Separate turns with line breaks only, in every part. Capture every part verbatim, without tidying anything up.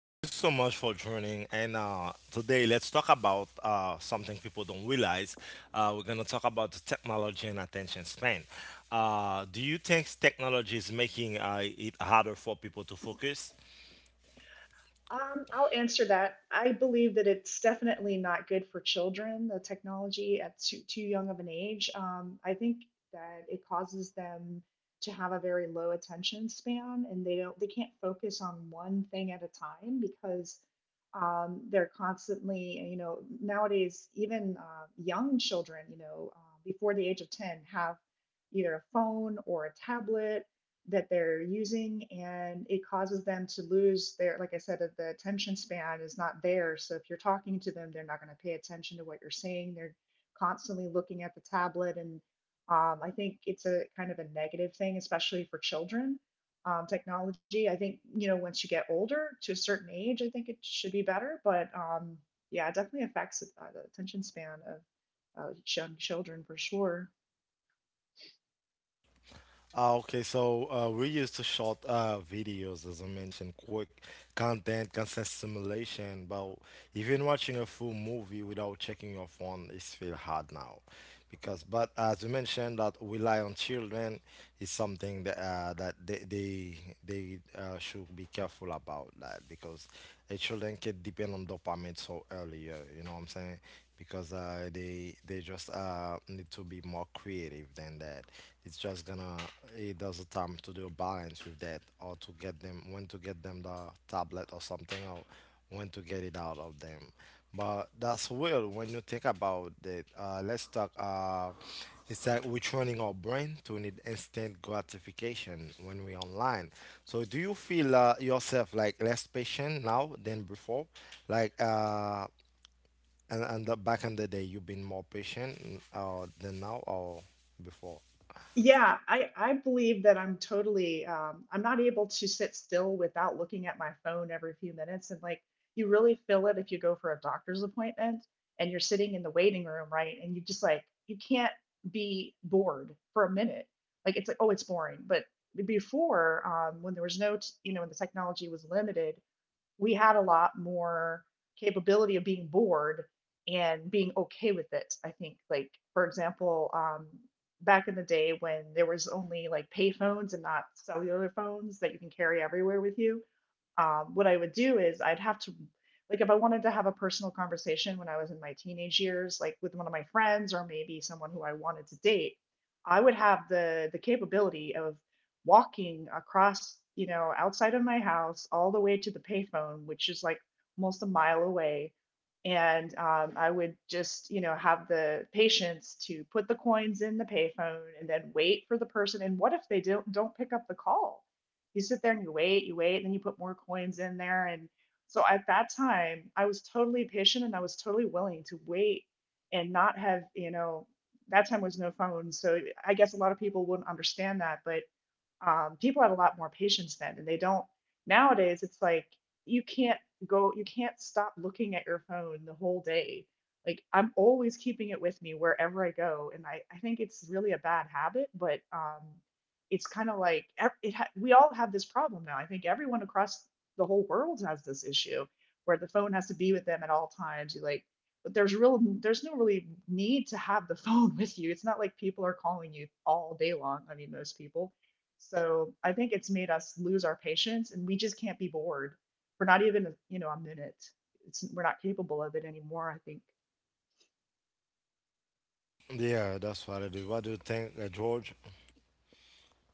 Thank you so much for joining. And uh, today, let's talk about uh, something people don't realize. Uh, we're gonna talk about the technology and attention span. Uh, do you think technology is making uh, it harder for people to focus?
Um, I'll answer that. I believe that it's definitely not good for children, the technology at too, too young of an age. Um, I think that it causes them to have a very low attention span and they don't they can't focus on one thing at a time because um, they're constantly, you know, nowadays even uh, young children, you know uh, before the age of ten have either a phone or a tablet that they're using, and it causes them to lose their, like I said, the attention span is not there. So if you're talking to them, they're not going to pay attention to what you're saying. They're constantly looking at the tablet, and um, I think it's a kind of a negative thing, especially for children. Um, technology, I think, you know, once you get older to a certain age, I think it should be better, but um, yeah, it definitely affects uh, the attention span of uh, young children for sure.
Ah, okay, so uh, we used to short uh, videos, as I mentioned, quick content, consent simulation. But even watching a full movie without checking your phone is feel hard now, because but as you mentioned that rely on children is something that uh, that they they, they uh, should be careful about that because a children can depend on dopamine so earlier. You know what I'm saying? Because uh, they they just uh, need to be more creative than that. It's just gonna it does a time to do a balance with that, or to get them when to get them the tablet or something, or when to get it out of them. But that's weird when you think about it. Uh, let's talk. Uh, it's like we're training our brain to need instant gratification when we're online. So, do you feel uh, yourself like less patient now than before? Like, uh, and and uh, back in the day, you've been more patient n- uh, than now or before.
Yeah, I, I believe that I'm totally um, I'm not able to sit still without looking at my phone every few minutes, and like you really feel it if you go for a doctor's appointment and you're sitting in the waiting room, right? And you just like you can't be bored for a minute. Like it's like, oh, it's boring, but before, um, when there was no t- you know, when the technology was limited, we had a lot more capability of being bored and being okay with it. I think, like, for example, um, back in the day when there was only like pay phones and not cellular phones that you can carry everywhere with you, um, what I would do is I'd have to, like, if I wanted to have a personal conversation when I was in my teenage years, like with one of my friends or maybe someone who I wanted to date, I would have the the capability of walking across, you know, outside of my house all the way to the payphone, which is like almost a mile away. And um, I would just, you know, have the patience to put the coins in the payphone and then wait for the person. And what if they don't don't pick up the call? You sit there and you wait, you wait, and then you put more coins in there. And so at that time, I was totally patient and I was totally willing to wait and not have, you know, that time was no phone. So I guess a lot of people wouldn't understand that. But um, people have a lot more patience then, and they don't, nowadays it's like you can't go you can't stop looking at your phone the whole day, like I'm always keeping it with me wherever I go. And i, I think it's really a bad habit, but um, it's kind of like ev- it ha- we all have this problem now. I think everyone across the whole world has this issue where the phone has to be with them at all times. You like, but there's real there's no really need to have the phone with you. It's not like people are calling you all day long, I mean, most people. So I think it's made us lose our patience, and we just can't be bored. We're not even, you know, a minute. It's we're not capable of it anymore, I think.
Yeah, that's what it is. What do you think, uh, George?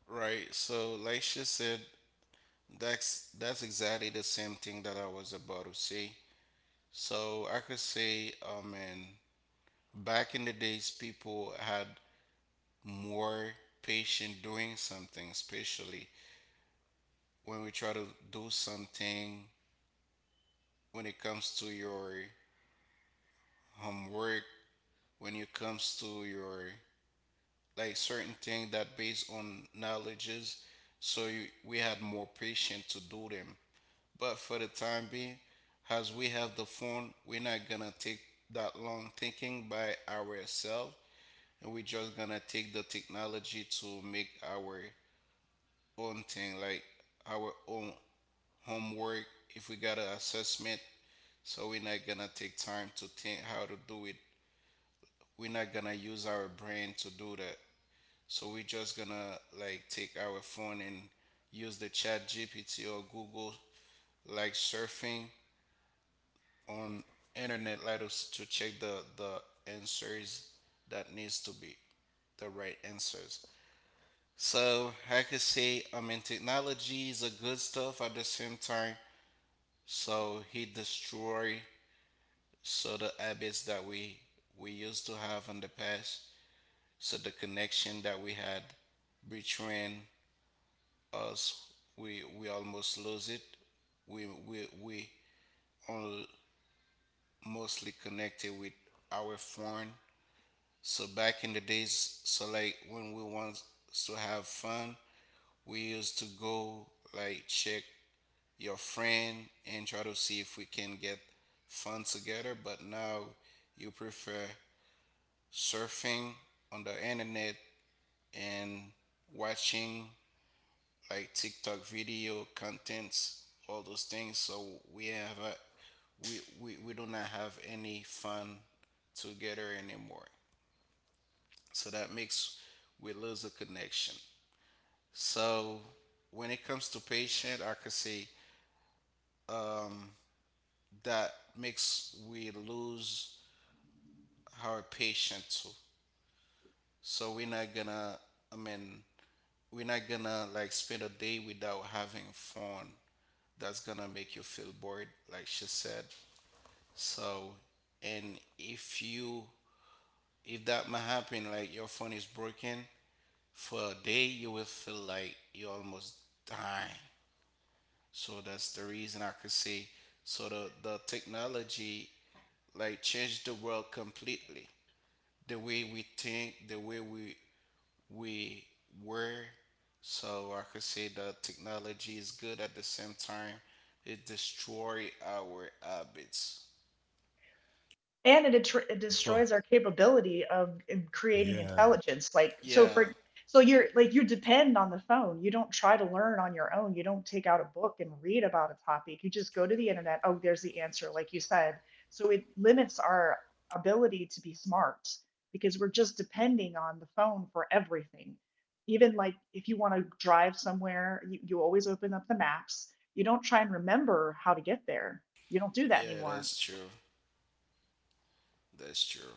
Right. So, like she said, that's that's exactly the same thing that I was about to say. So I could say, I mean, back in the days, people had more patience doing something, especially when we try to do something. When it comes to your homework, when it comes to your like certain thing that based on knowledges, so you, we had more patience to do them. But for the time being, as we have the phone, we're not gonna take that long thinking by ourselves, and we're just gonna take the technology to make our own thing, like our own homework. If we got an assessment, so we're not gonna take time to think how to do it. We're not gonna use our brain to do that. So we're just gonna like take our phone and use the chat G P T or Google, like surfing on internet, let us to check the the answers that needs to be the right answers. So I could say, I mean, technology is a good stuff. At the same time, so he destroy, so the habits that we we used to have in the past, so the connection that we had between us, we we almost lose it. We we we are mostly connected with our phone. So back in the days, so like when we want to have fun, we used to go like check your friend and try to see if we can get fun together. But now you prefer surfing on the internet and watching like TikTok video contents, all those things. So we have a, we, we we do not have any fun together anymore. So that makes we lose the connection. So when it comes to patient, I could say, um, that makes we lose our patient too. So we're not gonna, I mean, we're not gonna like spend a day without having fun. That's gonna make you feel bored, like she said. So, and if you, if that might happen, like your phone is broken for a day, you will feel like you're almost dying. So that's the reason I could say, so the, the technology like changed the world completely. The way we think, the way we we were. So I could say the technology is good. At the same time, it destroy our habits.
And it, atr- it
So
destroys our capability of in creating
yeah,
intelligence. Like, so
Yeah,
for so you're like you depend on the phone, you don't try to learn on your own, you don't take out a book and read about a topic, you just go to the internet, oh, there's the answer, like you said. So it limits our ability to be smart because we're just depending on the phone for everything. Even like if you want to drive somewhere, you, you always open up the maps, you don't try and remember how to get there. You don't do that
yeah,
anymore.
that's true. That's true.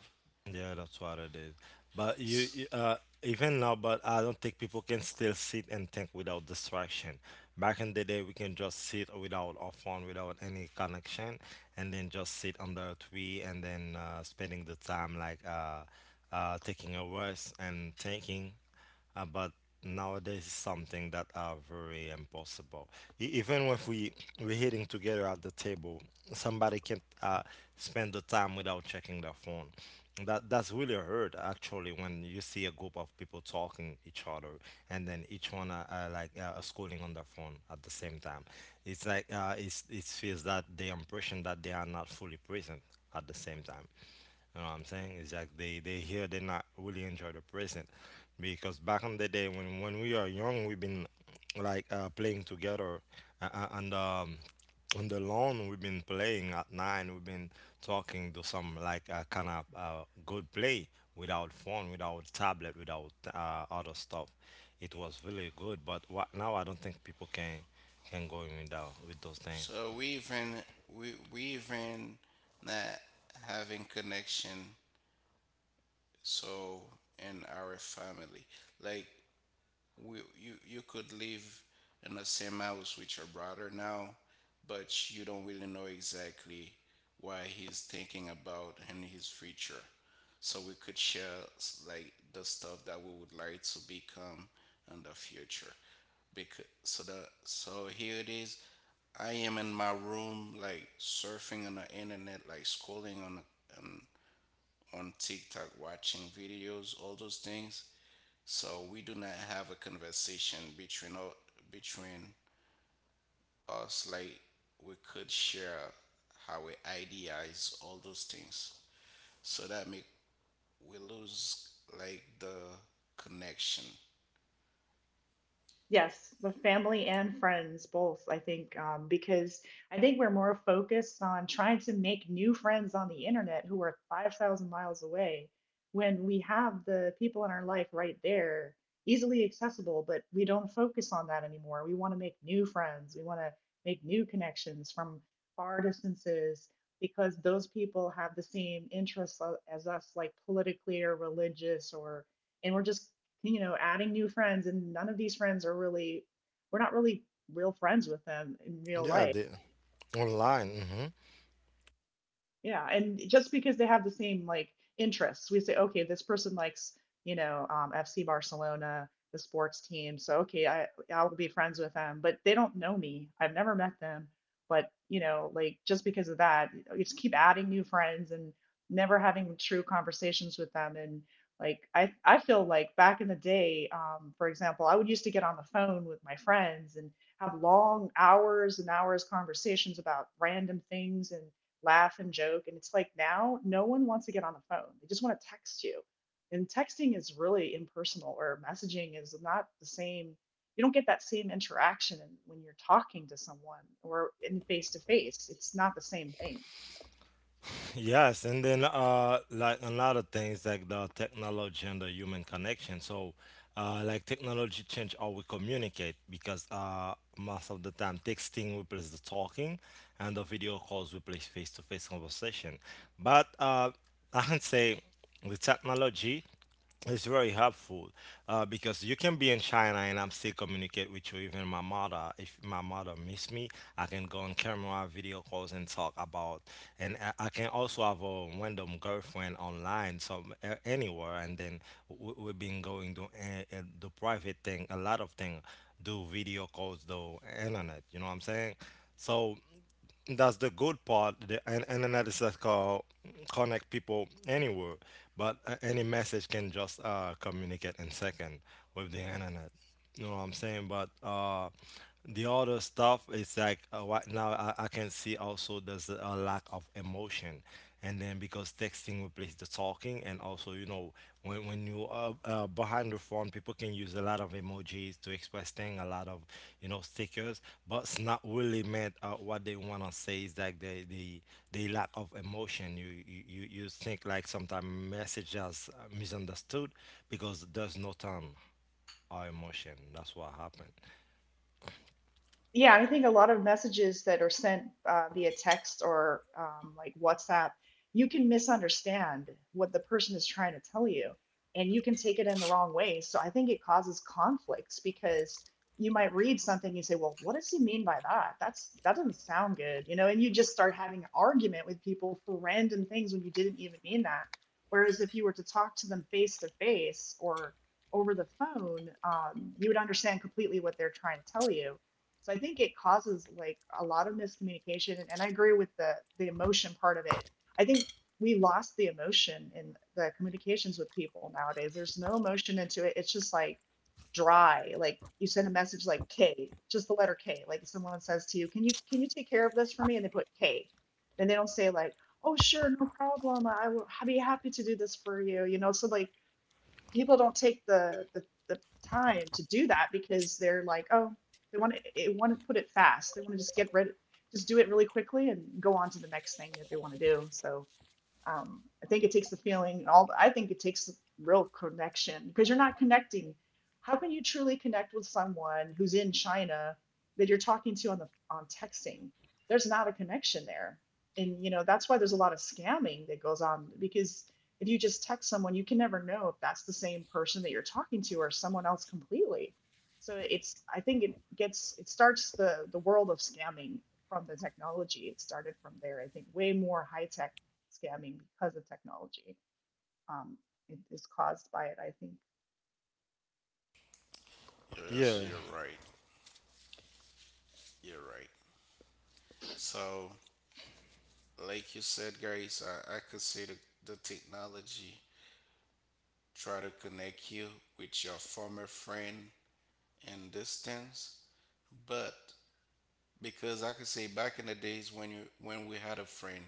yeah, that's what it is. But you,
S-
you, uh, even now, but I don't think people can still sit and think without distraction. Back in the day, we can just sit without our phone, without any connection, and then just sit under a tree and then uh, spending the time like uh, uh, taking a rest and thinking. Uh, but nowadays it's something that are very impossible. E- even if we we're hitting together at the table, somebody can't uh, spend the time without checking their phone. That that's really hurt actually when you see a group of people talking each other and then each one are, are like uh, scrolling on their phone at the same time. It's like uh, it's it feels that the impression that they are not fully present at the same time. You know what I'm saying? It's like they they here they not really enjoy the present because back in the day when when we are young we've been like uh, playing together uh, uh, and um, on the lawn. We've been playing at nine. We've been talking to some like uh, kind of uh, good play without phone, without tablet, without uh, other stuff. It was really good, but what, now I don't think people can can go in with that, with those things.
So we even we we even not having connection so in our family. Like we, you you could live in the same house with your brother now, but you don't really know exactly what he's thinking about in his future. So we could share s- like the stuff that we would like to become in the future. Because so the so here it is. I am in my room, like surfing on the internet, like scrolling on on on TikTok, watching videos, all those things, so we do not have a conversation between o- between us, like we could share how we idealize all those things. So that make we lose like the connection.
Yes, the family and friends both, I think, um, because I think we're more focused on trying to make new friends on the internet who are five thousand miles away when we have the people in our life right there, easily accessible, but we don't focus on that anymore. We want to make new friends, we want to make new connections from far distances because those people have the same interests a- as us, like politically or religious or, and we're just, you know, adding new friends, and none of these friends are really, we're not really real friends with them in real
Yeah,
life.
the online.
Yeah, and just because they have the same like interests, we say, okay, this person likes, you know, um, F C Barcelona, the sports team, so okay, I I'll be friends with them, but they don't know me. I've never met them, but, you know, like just because of that, you just keep adding new friends and never having true conversations with them. And like I I feel like back in the day, um, for example, I would used to get on the phone with my friends and have long hours and hours conversations about random things and laugh and joke. And it's like now no one wants to get on the phone. They just want to text you. And texting is really impersonal, or messaging is not the same. You don't get that same interaction when you're talking to someone or in face to face. It's not the same thing.
Yes, and then uh, like another things like the technology and the human connection. So, uh, like technology change how we communicate because uh, most of the time texting replaces the talking, and the video calls replace face to face conversation. But uh, I can say the technology. It's very helpful uh, because you can be in China and I'm still communicate with you. Even my mother, if my mother miss me, I can go on camera, video calls, and talk about. And I I can also have a random girlfriend online, so uh, anywhere. And then we, we've been going to uh, uh, the private thing, a lot of thing, do video calls, do internet. You know what I'm saying? So that's the good part the, and, and analysis call connect people anywhere, but uh, any message can just uh, communicate in second with the internet. You know what I'm saying? But uh, the other stuff is like uh, right now I, I can see also there's a lack of emotion and then because texting replaces the talking, and also you know when, when you are uh, behind the phone, people can use a lot of emojis to express things, a lot of, you know, stickers, but it's not really meant uh, what they want to say is that they, they they lack of emotion. You you, you you think like sometimes message as misunderstood because there's no tone or emotion. That's what happened.
Yeah, I think a lot of messages that are sent uh, via text or um, like WhatsApp, you can misunderstand what the person is trying to tell you, and you can take it in the wrong way. So I think it causes conflicts because you might read something and you say, "Well, what does he mean by that? That's that doesn't sound good," you know, and you just start having an argument with people for random things when you didn't even mean that. Whereas if you were to talk to them face to face or over the phone, um, you would understand completely what they're trying to tell you. So I think it causes like a lot of miscommunication. And, and I agree with the the emotion part of it. I think we lost the emotion in the communications with people nowadays. There's no emotion into it. It's just like dry. Like you send a message like K, just the letter K. Like someone says to you, "Can you can you take care of this for me?" and they put K. And they don't say like, "Oh, sure, no problem. I will I'd be happy to do this for you." You know, so like people don't take the, the the time to do that because they're like, oh, they want to they want to put it fast. They want to just get rid, just do it really quickly and go on to the next thing that they want to do. So um, I think it takes the feeling and all. I think it takes real connection because you're not connecting. How can you truly connect with someone who's in China that you're talking to on the on texting? There's not a connection there, and you know that's why there's a lot of scamming that goes on because if you just text someone, you can never know if that's the same person that you're talking to or someone else completely. So it's I think it gets it starts the the world of scamming from the technology. It started from there. I think way more high tech scamming because of technology. um, it is caused by it, I think.
Yes,
Yeah,
you're right. You're right. So like you said, guys, I, I could see the, the technology try to connect you with your former friend and distance, but because I could say back in the days when you when we had a friend.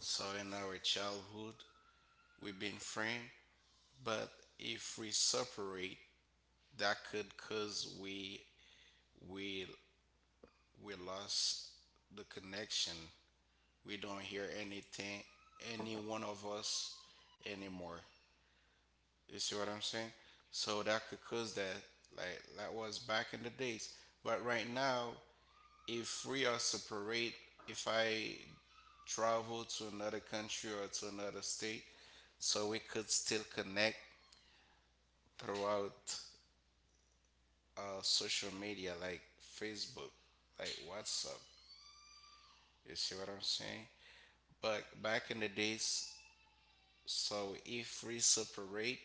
So in our childhood, we've been friends, but if we separate, that could cause we we we lost the connection. We don't hear anything, any one of us anymore. You see what I'm saying? So that could cause that, like that was back in the days. But right now, if we are separate, if I travel to another country or to another state, so we could still connect throughout uh, social media like Facebook, like WhatsApp. You see what I'm saying? But back in the days, so if we separate,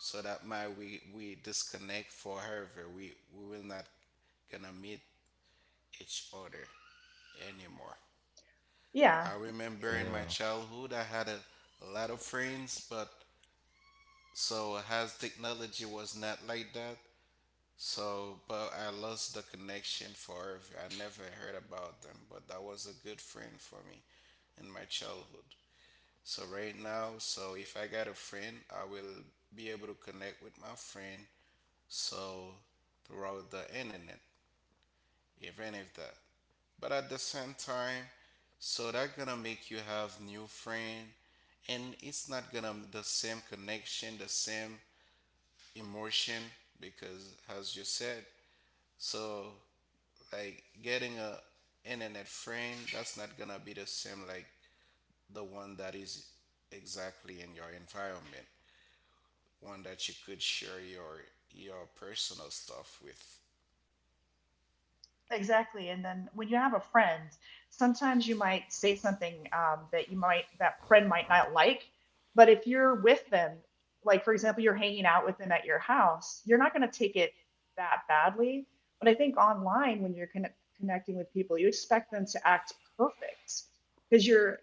so that might we we disconnect forever. We we will not gonna meet each other anymore. I
Yeah,
remember in my
yeah.
childhood I had a, a lot of friends, but so as technology was not like that. So, but I lost the connection forever. I never heard about them, but that was a good friend for me in my childhood. So, right now, so if I got a friend, I will be able to connect with my friend so throughout the internet, even if that. But at the same time, so that gonna make you have new friend, and it's not gonna the same connection, the same emotion, because as you said, so like getting a internet friend, that's not gonna be the same like the one that is exactly in your environment, one that you could share your your personal stuff with.
exactly. And then when you have a friend, sometimes you might say something um, that you might that friend might not like, but if you're with them, like for example, you're hanging out with them at your house, you're not going to take it that badly. But I think online, when you're con- connecting with people, you expect them to act perfect because you're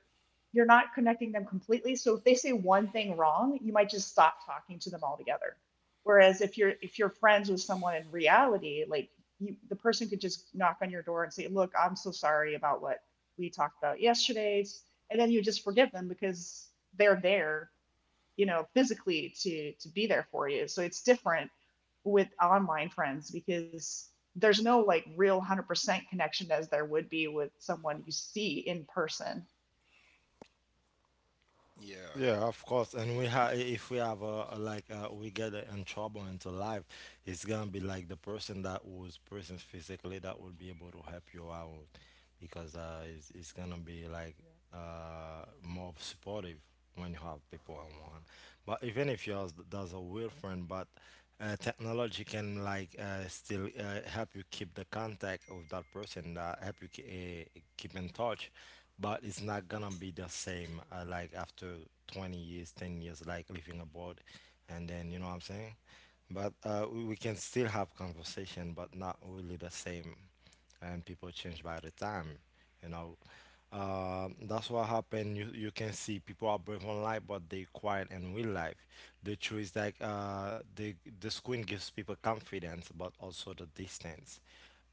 you're not connecting them completely. So if they say one thing wrong, you might just stop talking to them altogether. Whereas if you're if you're friends with someone in reality, like you, the person could just knock on your door and say, "Look, I'm so sorry about what we talked about yesterday," and then you just forgive them because they're there, you know, physically to to be there for you. So it's different with online friends because there's no like real one hundred percent connection as there would be with someone you see in person.
Yeah.
Yeah, of course. And we have, if we have a, a like, uh, we get uh, in trouble into life, it's gonna be like the person that was present physically that will be able to help you out, because uh, it's, it's gonna be like uh more supportive when you have people around. But even if you have there's a real friend, but uh, technology can like uh, still uh, help you keep the contact of that person, that help you ke- uh, keep in touch, but it's not gonna be the same uh, like after twenty years, ten years, like living abroad, and then you know what I'm saying. But uh, we, we can still have conversation but not really the same, and people change by the time, you know. Um, that's what happened. You, you can see people are brave on life but they quiet in real life. The truth is like uh, the, the screen gives people confidence but also the distance.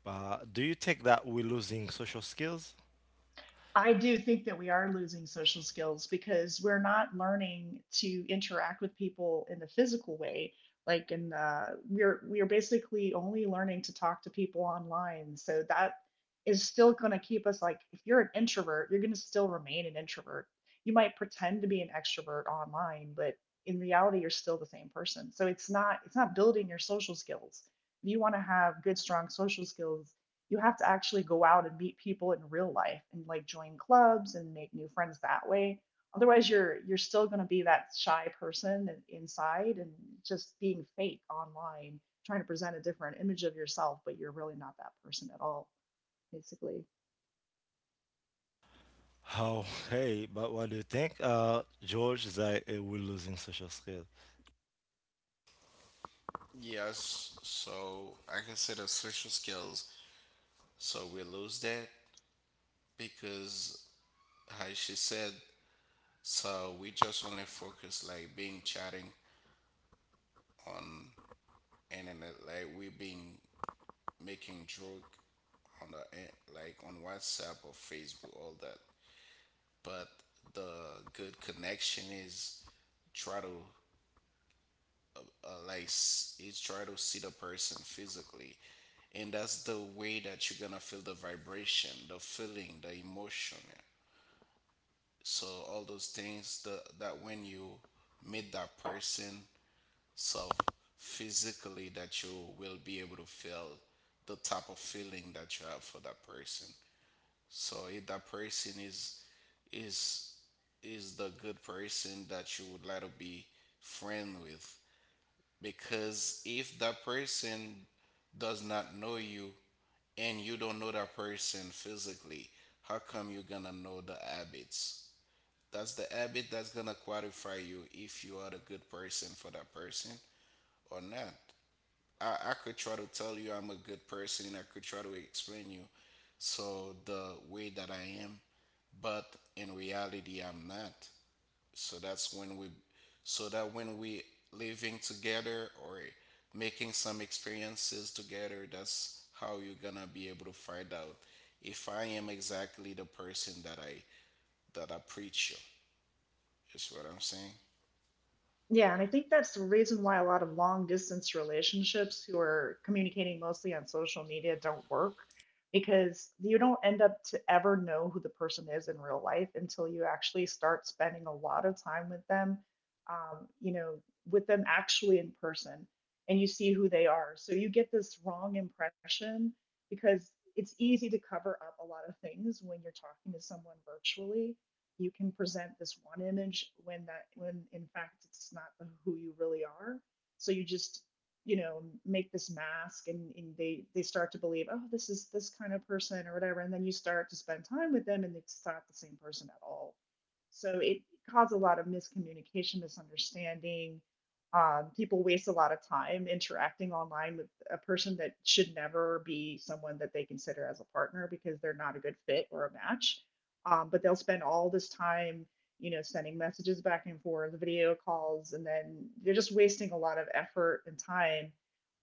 uh, Do you think that we're losing social skills?
I do think that we are losing social skills because we're not learning to interact with people in the physical way. Like, and uh, we're we're basically only learning to talk to people online. So that is still going to keep us like, if you're an introvert, you're going to still remain an introvert. You might pretend to be an extrovert online, but in reality, you're still the same person. So it's not it's not building your social skills. If you want to have good, strong social skills, you have to actually go out and meet people in real life and like join clubs and make new friends that way. Otherwise you're you're still going to be that shy person inside and just being fake online, trying to present a different image of yourself, but you're really not that person at all, basically.
How? Hey, but what do you think, uh, George, that uh, we're losing social skills?
Yes, so I can say the social skills, so we lose that because, as she said, so we just only focus like being chatting on internet, like we being making joke on the in- like on WhatsApp or Facebook, all that. But the good connection is try to, uh, like s- is try to see the person physically, and that's the way that you're gonna feel the vibration, the feeling, the emotion. So all those things, the, that when you meet that person, so physically, that you will be able to feel the type of feeling that you have for that person. So if that person is is is the good person that you would like to be friend with, because if that person does not know you and you don't know that person physically, how come you're gonna know the habits? That's the habit that's gonna qualify you if you are the good person for that person or not. I, I could try to tell you I'm a good person, and I could try to explain you. So the way that I am, but in reality I'm not. So that's when we so that when we living together or making some experiences together, that's how you're gonna be able to find out if I am exactly the person that I that I preach you. Is what I'm saying?
Yeah, and I think that's the reason why a lot of long distance relationships who are communicating mostly on social media don't work because you don't end up to ever know who the person is in real life until you actually start spending a lot of time with them, um, you know, with them actually in person, and you see who they are. So you get this wrong impression because it's easy to cover up a lot of things when you're talking to someone virtually. You can present this one image when that when in fact it's not who you really are. So you just, you know, make this mask, and, and they they start to believe, oh, this is this kind of person or whatever, and then you start to spend time with them and it's not the same person at all. So it caused a lot of miscommunication, misunderstanding. Um, people waste a lot of time interacting online with a person that should never be someone that they consider as a partner because they're not a good fit or a match. Um, but they'll spend all this time, you know, sending messages back and forth, video calls, and then they're just wasting a lot of effort and time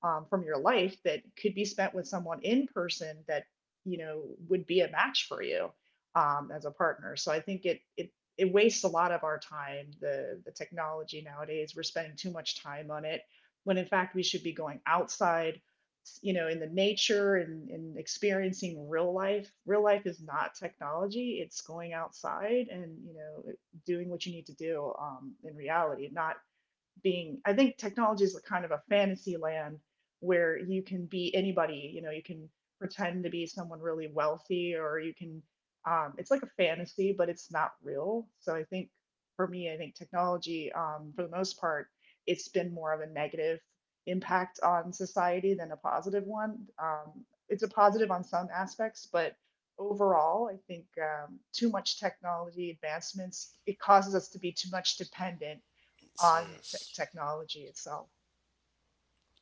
um, from your life that could be spent with someone in person that, you know, would be a match for you um, as a partner. So I think it it it wastes a lot of our time. The the technology nowadays, we're spending too much time on it when in fact we should be going outside, you know, in the nature, and, and experiencing real life. Real life is not technology. It's going outside and, you know, doing what you need to do um, in reality, not being. I think technology is kind of a fantasy land where you can be anybody. You know, you can pretend to be someone really wealthy, or you can, um, it's like a fantasy, but it's not real. So I think for me, I think technology, um, for the most part, it's been more of a negative impact on society than a positive one. Um, it's a positive on some aspects, but overall I think um, too much technology advancements, it causes us to be too much dependent on te-
Serious.
technology itself.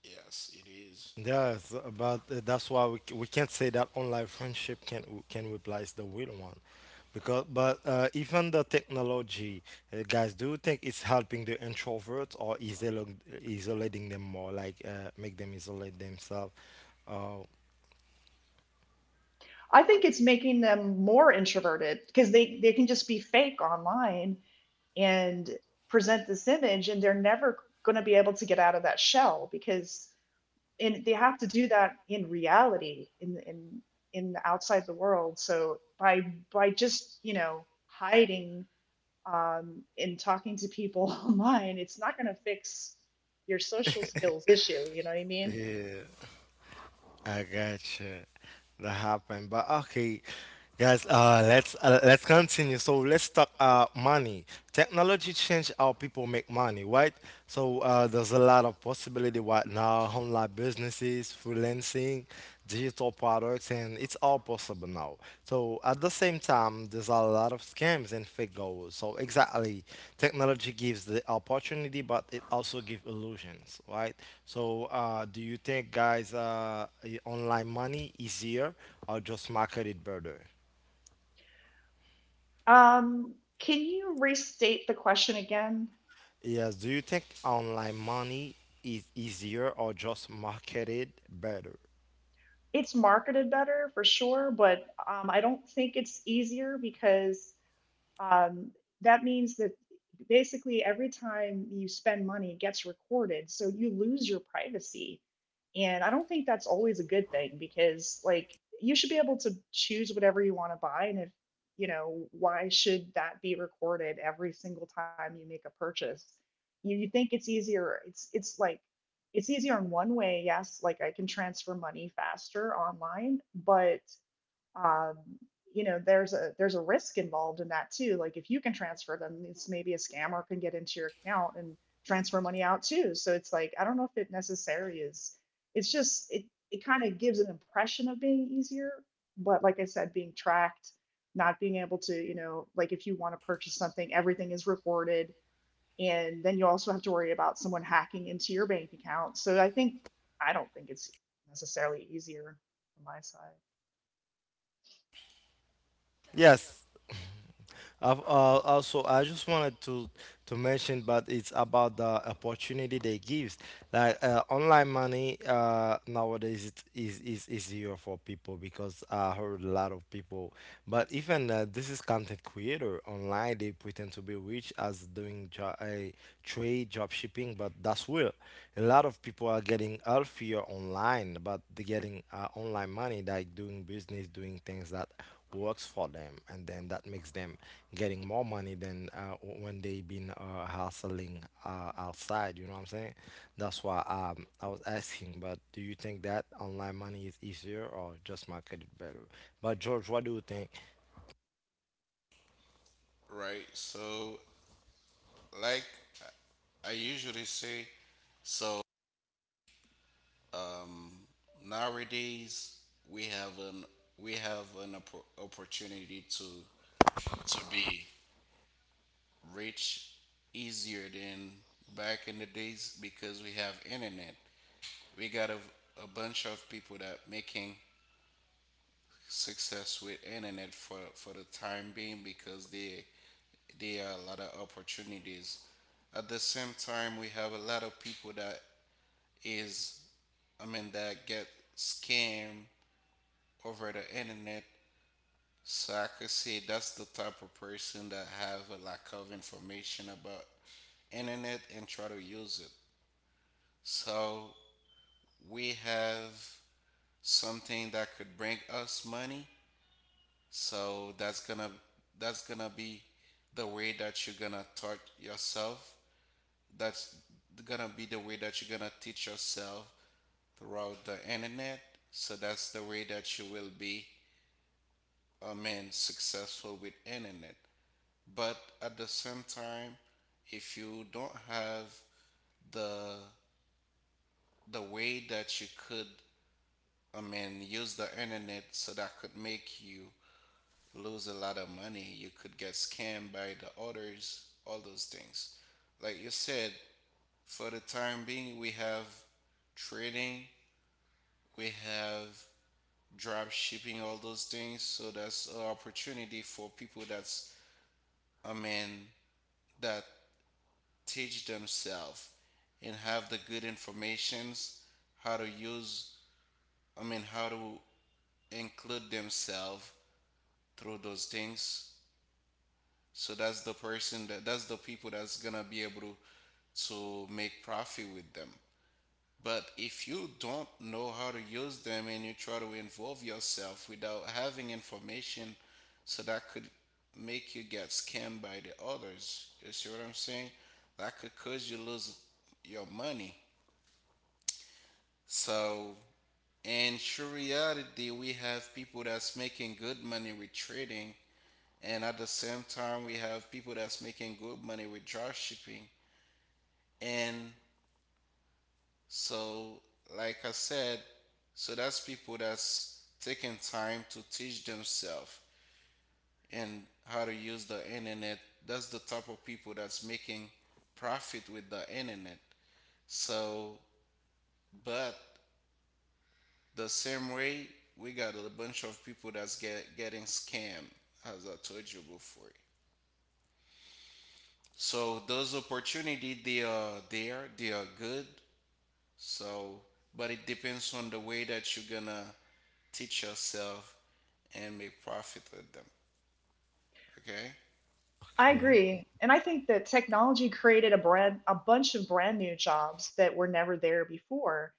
Yes. Yes, it is.
Yes, but uh, that's why we, c- we can't say that online friendship can can replace the real one, because but uh, even the technology, uh, guys, do you think it's helping the introverts or isol- isolating them more, like uh, make them isolate themselves? Uh,
I think it's making them more introverted because they, they can just be fake online and present this image, and they're never going to be able to get out of that shell because, and they have to do that in reality, in in in outside the world. So by by just, you know, hiding um, and talking to people online, it's not going to fix your social skills issue. You know what I mean?
yeah. I gotcha. That happened, but okay, guys. Uh, let's uh, let's continue. So let's talk uh money. Technology changed how people make money, right? So uh, there's a lot of possibility right now. Online businesses, freelancing, digital products, and it's all possible now. So at the same time, there's a lot of scams and fake goals. So exactly, technology gives the opportunity, but it also gives illusions, right? So uh, do you think, guys, uh, i- online money easier or just market it better?
Um, can you restate the question again?
Yes. Do you think online money is easier or just marketed better?
It's marketed better for sure, but um, I don't think it's easier because, um, that means that basically every time you spend money, it gets recorded. So you lose your privacy. And I don't think that's always a good thing because, like, you should be able to choose whatever you want to buy. And if, you know, why should that be recorded every single time you make a purchase? You, you think it's easier. It's, it's like, it's easier in one way, yes, like I can transfer money faster online, but um, you know, there's a there's a risk involved in that too. Like if you can transfer them, it's maybe a scammer can get into your account and transfer money out too. So it's like, I don't know if it necessarily is, it's just it it kind of gives an impression of being easier, but like I said, being tracked, not being able to, you know, like if you want to purchase something, everything is recorded, and then you also have to worry about someone hacking into your bank account. So I think I don't think it's necessarily easier from my side.
Yes. I've, uh, also, I just wanted to to mention, but it's about the opportunity they gives. Like uh, online money uh, nowadays it is is easier for people because I heard a lot of people. But even uh, this is content creator online, they pretend to be rich as doing jo- a trade job shipping, but that's real. A lot of people are getting healthier online, but they're getting uh, online money like doing business, doing things that works for them, and then that makes them getting more money than uh, when they been uh, hustling uh, outside. You know what I'm saying? That's why um, I was asking. But do you think that online money is easier or just market it better? But George, what do you think?
Right. So like I I usually say, so um, nowadays, we have an we have an oppor- opportunity to to be rich easier than back in the days because we have internet. We got a, a bunch of people that making success with internet for for the time being because they there are a lot of opportunities. At the same time, we have a lot of people that is, I mean, that get scammed over the internet. So I could say that's the type of person that have a lack of information about internet and try to use it. So we have something that could bring us money. So that's gonna that's gonna be the way that you're gonna taught yourself. That's gonna be the way that you're gonna teach yourself throughout the internet. So that's the way that you will be, I mean, successful with internet. But at the same time, if you don't have the the way that you could, I mean, use the internet, so that could make you lose a lot of money. You could get scammed by the others, all those things, like you said. For the time being, we have trading, we have drop shipping, all those things. So that's an opportunity for people that's, I mean, that teach themselves and have the good informations how to use, I mean, how to include themselves through those things. So that's the person that that's the people that's gonna be able to to make profit with them. But if you don't know how to use them and you try to involve yourself without having information, so that could make you get scammed by the others. You see what I'm saying? That could cause you lose your money. So in true reality, we have people that's making good money with trading, and at the same time, we have people that's making good money with drop shipping. And so, like I said, so that's people that's taking time to teach themselves and how to use the internet. That's the type of people that's making profit with the internet. So, but the same way, we got a bunch of people that's get, getting scammed, as I told you before. So those opportunity, they are there, they are good. So, but it depends on the way that you're gonna teach yourself and make profit with them. Okay.
I
Okay.
agree. And I think that technology created a brand, a bunch of brand new jobs that were never there before.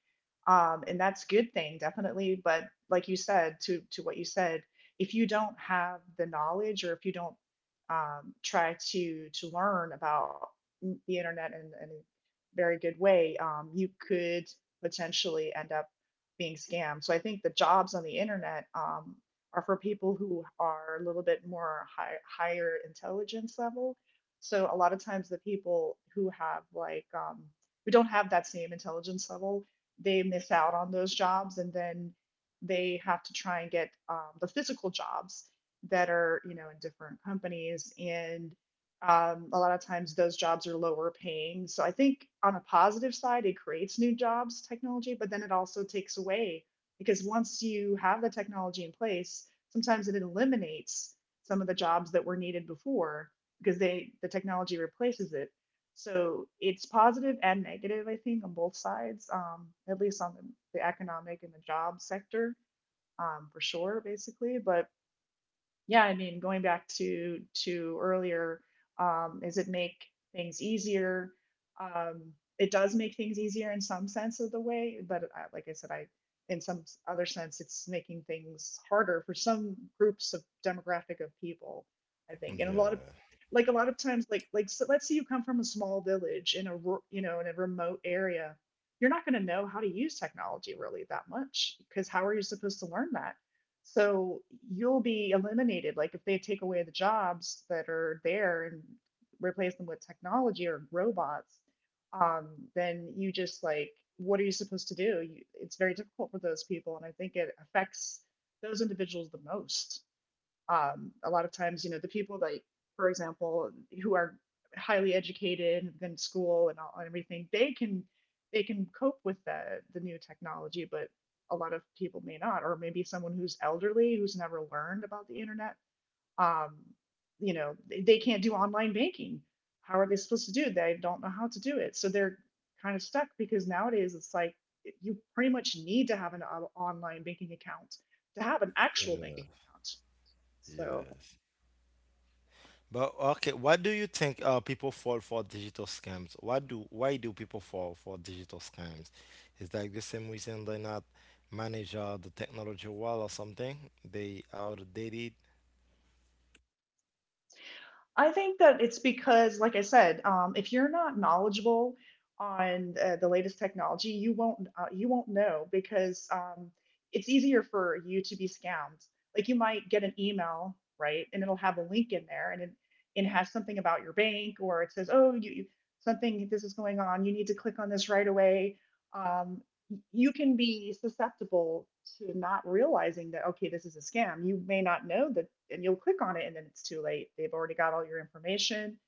Um, and that's a good thing, definitely. But like you said, to, to what you said, if you don't have the knowledge or if you don't um, try to, to learn about the internet in, in a very good way, um, you could potentially end up being scammed. So I think the jobs on the internet, um, are for people who are a little bit more high, higher intelligence level. So a lot of times the people who have like um, who don't have that same intelligence level, they miss out on those jobs, and then they have to try and get um, the physical jobs that are, you know, in different companies and um, a lot of times those jobs are lower paying. So I think on a positive side, it creates new jobs, technology, but then it also takes away because once you have the technology in place, sometimes it eliminates some of the jobs that were needed before because they the technology replaces it. So it's positive and negative, I think, on both sides, um, at least on the, the economic and the job sector, um, for sure, basically. But yeah, I mean, going back to to earlier, um, is it make things easier? um, it does make things easier in some sense of the way, but I, like I said, I, in some s- other sense, it's making things harder for some groups of demographic of people, I think. And a lot of,
Yeah.
like a lot of times, like like so, let's say you come from a small village in a ru- you know, in a remote area, you're not going to know how to use technology really that much because how are you supposed to learn that? So you'll be eliminated. Like if they take away the jobs that are there and replace them with technology or robots, um, then you just like, what are you supposed to do? You, it's very difficult for those people, and I think it affects those individuals the most. Um, a lot of times, you know, the people like, for example, who are highly educated, have been school and all, and everything, they can, they can cope with the the new technology, but a lot of people may not, or maybe someone who's elderly who's never learned about the internet. Um, you know, they, they can't do online banking. How are they supposed to do it? They don't know how to do it, so they're kind of stuck because nowadays it's like you pretty much need to have an uh, online banking account to have an actual
Yeah.
banking account. So
Yes. But okay, what do you think uh, people fall for digital scams? What do Why do people fall for digital scams? Is like the same reason they not manage uh, the technology well or something? They outdated.
I think that it's because, like I said, um, if you're not knowledgeable on uh, the latest technology, you won't uh, you won't know because, um, it's easier for you to be scammed. Like you might get an email, right, and it'll have a link in there, and it, it has something about your bank, or it says, oh, you, you something, this is going on. You need to click on this right away. Um, you can be susceptible to not realizing that, okay, this is a scam. You may not know that, and you'll click on it, and then it's too late. They've already got all your information.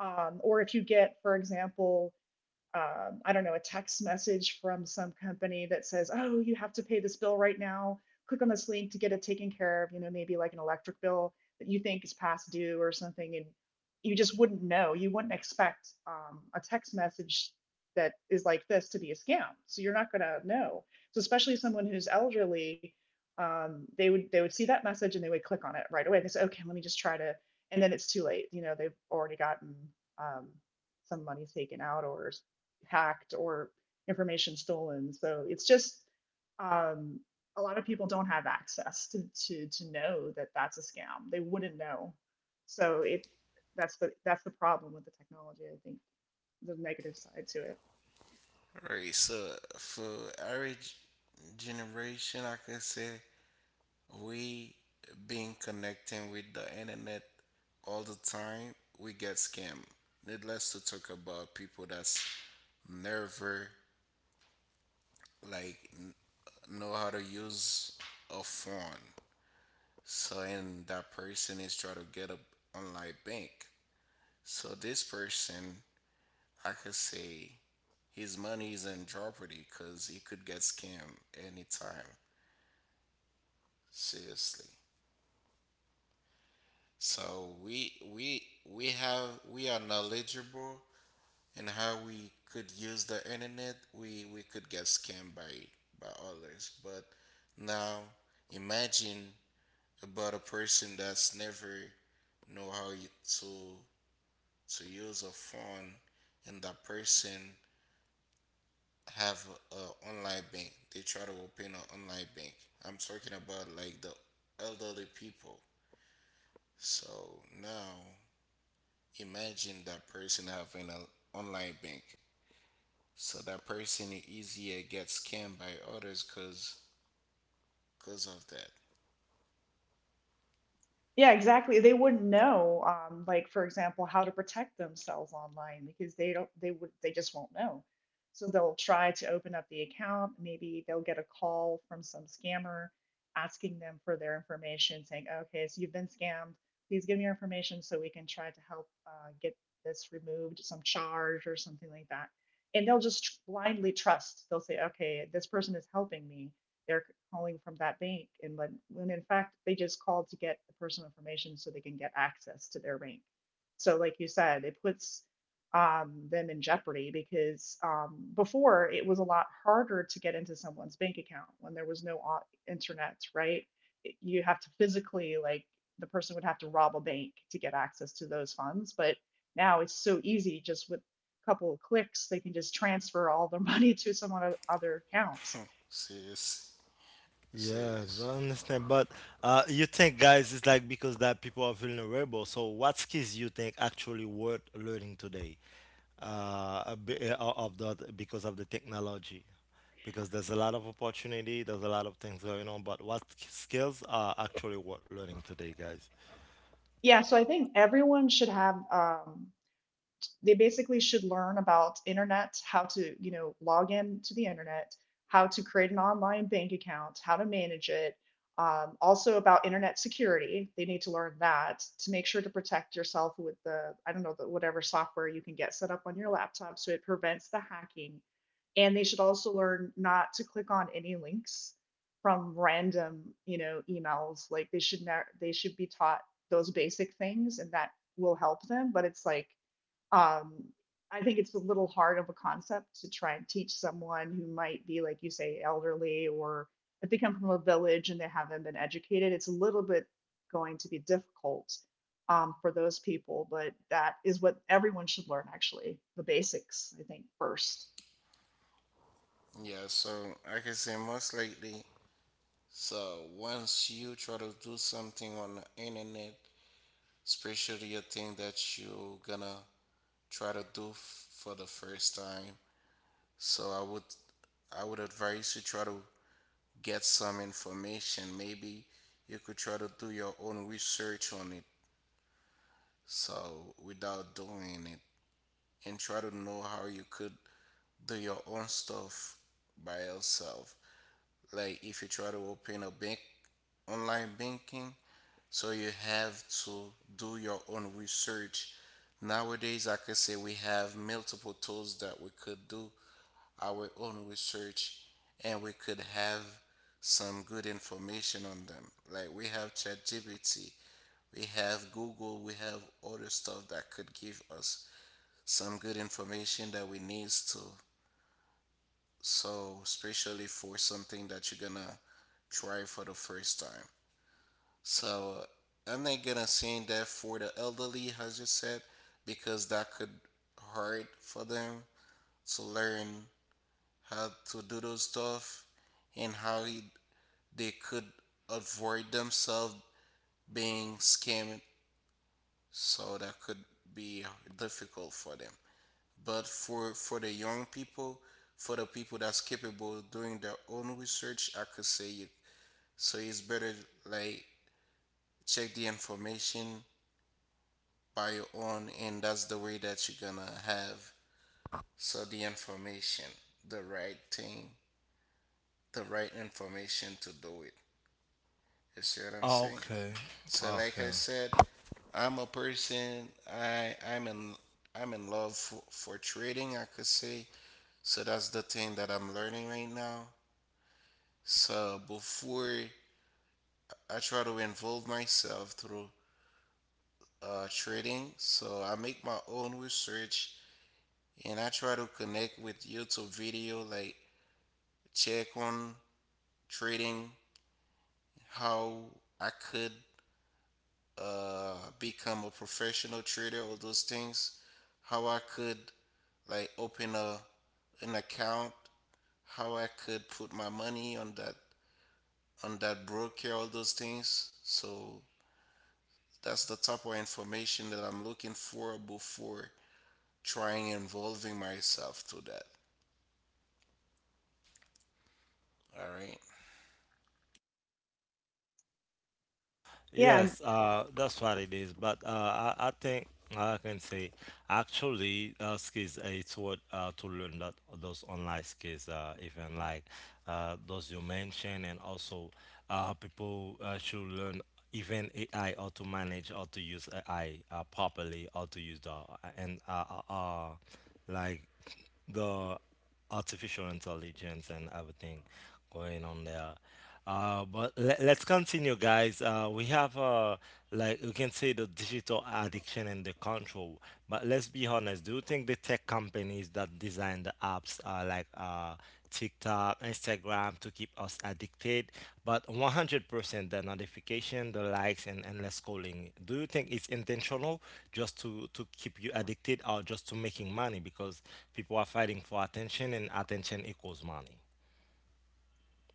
um, Or if you get, for example, um, I don't know, a text message from some company that says, oh, you have to pay this bill right now. Click on this link to get it taken care of, you know, maybe like an electric bill that you think is past due or something. And you just wouldn't know. You wouldn't expect um, a text message that is like this to be a scam. So you're not going to know. So especially someone who's elderly, um, they would, they would see that message and they would click on it right away. They say, okay, let me just try to, and then it's too late. You know, they've already gotten um, some money taken out, or hacked, or information stolen. So it's just um, a lot of people don't have access to, to to know that that's a scam. They wouldn't know. So it that's the that's the problem with the technology. I think the negative side to it.
All right. So for average generation, I could say we being connecting with the internet all the time we get scammed, needless to talk about people that's never like n- know how to use a phone. So, and that person is trying to get a online bank, so this person, I could say, his money is in jeopardy because he could get scammed anytime. Seriously. So we we we have we are knowledgeable in how we could use the internet. We we could get scammed by by others. But now imagine about a person that's never know how you, to to use a phone, and that person have a, a online bank. They try to open an online bank. I'm talking about like the elderly people. So now imagine that person having an online bank. So that person easier gets scammed by others cause cause of that.
Yeah, exactly. They wouldn't know, um, like for example, how to protect themselves online because they don't, they would, they just won't know. So they'll try to open up the account. Maybe they'll get a call from some scammer asking them for their information, saying, "Okay, so you've been scammed. Please give me your information so we can try to help uh, get this removed, some charge or something like that." And they'll just blindly trust. They'll say, "Okay, this person is helping me, they're calling from that bank." And when, when in fact they just called to get the personal information so they can get access to their bank. So like you said, it puts um, them in jeopardy because um, before it was a lot harder to get into someone's bank account when there was no internet, right? You have to physically, like, the person would have to rob a bank to get access to those funds. But now it's so easy, just with a couple of clicks they can just transfer all their money to someone other accounts.
Serious.
Yes, but
Serious.
I understand. But uh, you think, guys, it's like because that people are vulnerable. So, what skills you think actually worth learning today? Uh, a bit, uh, of the Because of the technology, because there's a lot of opportunity, there's a lot of things going on. But what skills are actually worth learning today, guys?
Yeah, so I think everyone should have, um, they basically should learn about internet, how to, you know, log in to the internet, how to create an online bank account, how to manage it, um, also about internet security. They need to learn that to make sure to protect yourself with the, I don't know, the, whatever software you can get set up on your laptop so it prevents the hacking. And they should also learn not to click on any links from random, you know, emails. Like they should ne- they should be taught those basic things, and that will help them. But it's like, um, I think it's a little hard of a concept to try and teach someone who might be, like you say, elderly, or if they come from a village and they haven't been educated, it's a little bit going to be difficult um, for those people. But that is what everyone should learn, actually, the basics, I think, first.
Yeah, so like I can say most likely so once you try to do something on the internet, especially a thing that you gonna try to do f- for the first time, so I would I would advise you try to get some information. Maybe you could try to do your own research on it. So without doing it, and try to know how you could do your own stuff by yourself. Like if you try to open a bank online banking, so you have to do your own research. Nowadays, I could say we have multiple tools that we could do our own research and we could have some good information on them. Like we have ChatGPT, we have Google, we have other stuff that could give us some good information that we needs to. So especially for something that you're gonna try for the first time. So I'm not gonna say that for the elderly, as you said, because that could hard for them to learn how to do those stuff and how he, they could avoid themselves being scammed, so that could be difficult for them. But for for the young people, for the people that's capable of doing their own research, I could say you so it's better, like, check the information by your own, and that's the way that you're gonna have, so the information, the right thing, the right information, to do it. You see what I'm saying?
Okay.
So like I
Okay.
said, I'm a person I I'm in I'm in love for, for trading, I could say. So that's the thing that I'm learning right now. So before I try to involve myself through uh, trading, so I make my own research, and I try to connect with YouTube video, like check on trading, how I could uh become a professional trader or those things, how I could like open a an account, how I could put my money on that on that broker, all those things. So that's the type of information that I'm looking for before trying involving myself to that. All right.
Yeah,
Yes, uh, that's what it is. But uh, I, I think I can say actually uh, skills, uh, it's what uh, to learn that those online skills, uh, even like uh, those you mentioned, and also uh, people uh, should learn even A I, or to manage or to use A I uh, properly, or to use the and uh, uh, uh, like the artificial intelligence and everything going on there. Uh, but let, let's continue, guys. Uh, we have uh, like you can say the digital addiction and the control. But let's be honest. Do you think the tech companies that design the apps are like uh, TikTok, Instagram to keep us addicted, but one hundred percent the notification, the likes, and endless scrolling. Do you think it's intentional just to, to keep you addicted, or just to making money? Because people are fighting for attention, and attention equals money.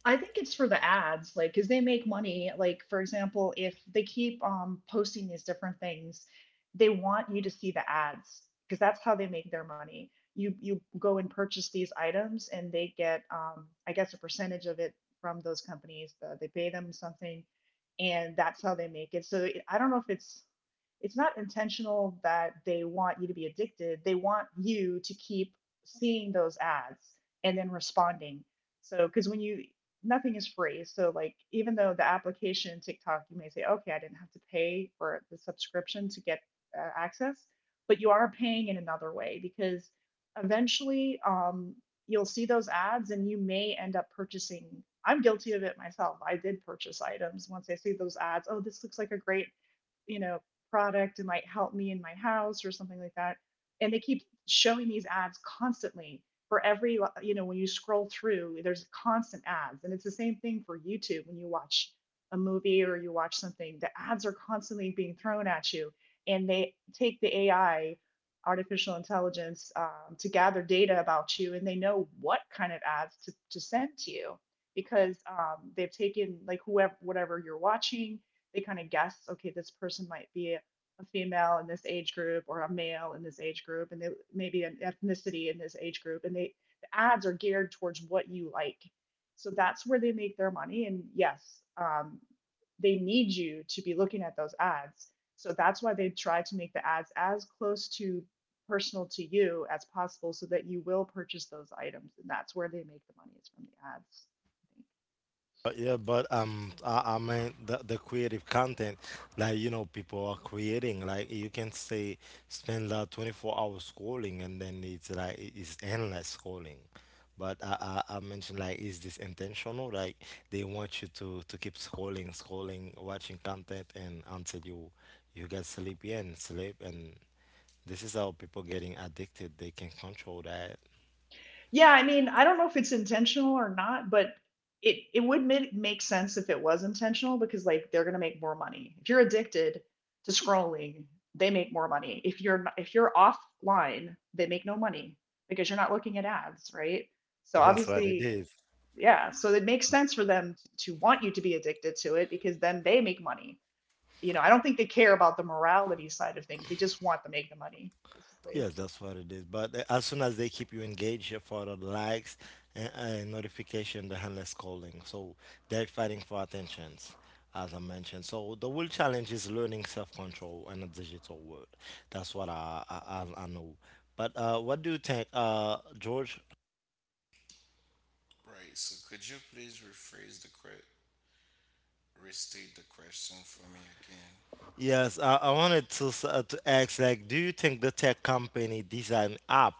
I think it's for the ads, like, 'cause they make money. Like, for example, if they keep um, posting these different things, they want you to see the ads because that's how they make their money. You you go and purchase these items, and they get, um, I guess, a percentage of it from those companies. Uh, they pay them something, and that's how they make it. So it- I don't know if it's it's not intentional that they want you to be addicted. They want you to keep seeing those ads and then responding. So, because when you, nothing is free. So like, even though the application TikTok, you may say, okay, I didn't have to pay for the subscription to get uh, access, but you are paying in another way because eventually um, you'll see those ads and you may end up purchasing. I'm guilty of it myself. I did purchase items once I see those ads. Oh, this looks like a great, you know, product, and like help me in my house or something like that. And they keep showing these ads constantly. For every, you know, when you scroll through, there's constant ads. And it's the same thing for YouTube when you watch a movie or you watch something, the ads are constantly being thrown at you. And they take the A I, artificial intelligence, um, to gather data about you, and they know what kind of ads to, to send to you because um, they've taken, like, whoever, whatever you're watching, they kind of guess, okay, this person might be a female in this age group or a male in this age group, and they, maybe an ethnicity in this age group, and they, the ads are geared towards what you like. So that's where they make their money. And yes, um, they need you to be looking at those ads. So that's why they try to make the ads as close to personal to you as possible so that you will purchase those items. And that's where they make the money is from the ads.
But yeah, but um, I, I mean the, the creative content, like you know, people are creating. Like you can say, spend like twenty four hours scrolling, and then it's like it- it's endless scrolling. But I, I I mentioned, like, is this intentional? Like they want you to to keep scrolling, scrolling, watching content, and until you you get sleepy and sleep. And this is how people getting addicted. They can control that.
Yeah, I mean, I don't know if it's intentional or not, but it it would make, make sense if it was intentional because, like, they're gonna make more money. If you're addicted to scrolling, they make more money. If you're n- if you're offline, they make no money because you're not looking at ads, right? So
That's what it
obviously,
is.
yeah. So it makes sense for them to want you to be addicted to it because then they make money. You know, I don't think they care about the morality side of things. They just want to make the money, basically.
Yes, that's what it is. But uh, as soon as they keep you engaged uh, for the likes and uh, notification, the handless calling. So they're fighting for attentions, as I mentioned. So the real challenge is learning self-control in a digital world. That's what I I, I I know. But uh, what do you think, uh, George?
Right, so could you please rephrase the que- restate the question for me again?
Yes, I, I wanted to s- uh, to ask, like, do you think the tech company design app?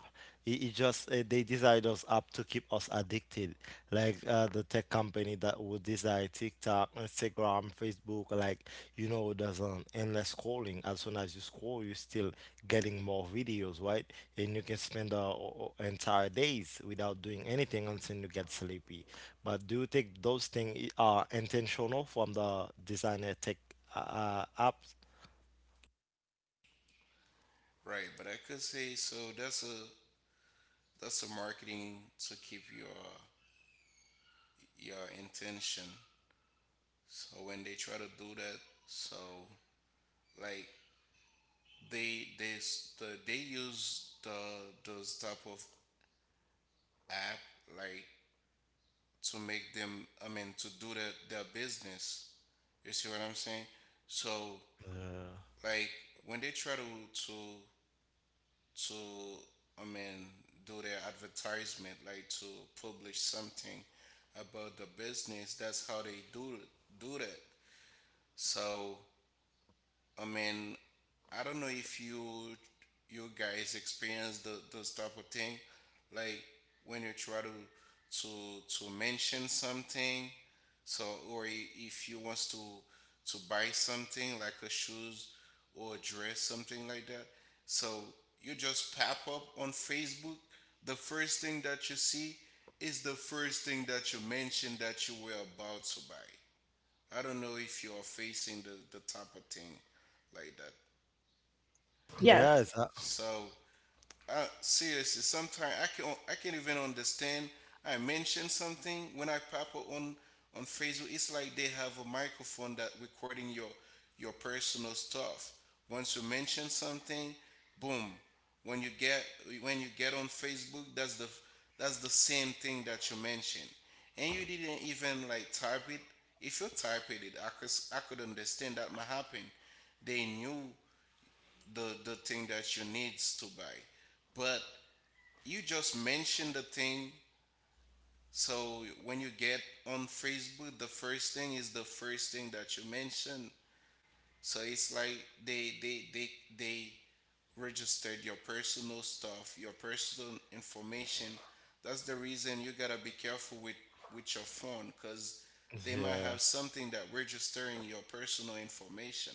It, it just uh, they design those app to keep us addicted, like uh, the tech company that would design TikTok, Instagram, Facebook, like you know, there's an endless scrolling. As soon as you scroll, you're still getting more videos, right? And you can spend uh, o- o- entire days without doing anything until you get sleepy. But do you think those things are intentional from the designer tech? uh, apps.
Right, but I could say so that's a that's a marketing to keep your your intention. So when they try to do that, so like they they s- the, they use the those type of app like to make them, I mean, to do that their business. You see what I'm saying? So
Yeah.
like when they try to to to I mean do their advertisement, like to publish something about the business, that's how they do do that. So I mean, I don't know if you you guys experience the, those type of thing, like when you try to to to mention something, so or i- if you wants to to buy something like a shoes or a dress, something like that. So you just pop up on Facebook. The first thing that you see is the first thing that you mention that you were about to buy. I don't know if you're facing the, the type of thing like that.
Yes.
Yes. Uh,
So uh, seriously, sometimes I can I can't even understand. I mention something, when I pop up on on Facebook. It's like they have a microphone that recording your your personal stuff. Once you mention something, boom. When you get when you get on Facebook, that's the that's the same thing that you mentioned, and you didn't even like type it. If you typed it, I could I could understand that might happen. They knew the the thing that you needs to buy, but you just mention the thing. So when you get on Facebook, the first thing is the first thing that you mention. So it's like they they they they registered your personal stuff, your personal information. That's the reason you gotta be careful with with your phone, cause they might
yeah.
have something that registering your personal information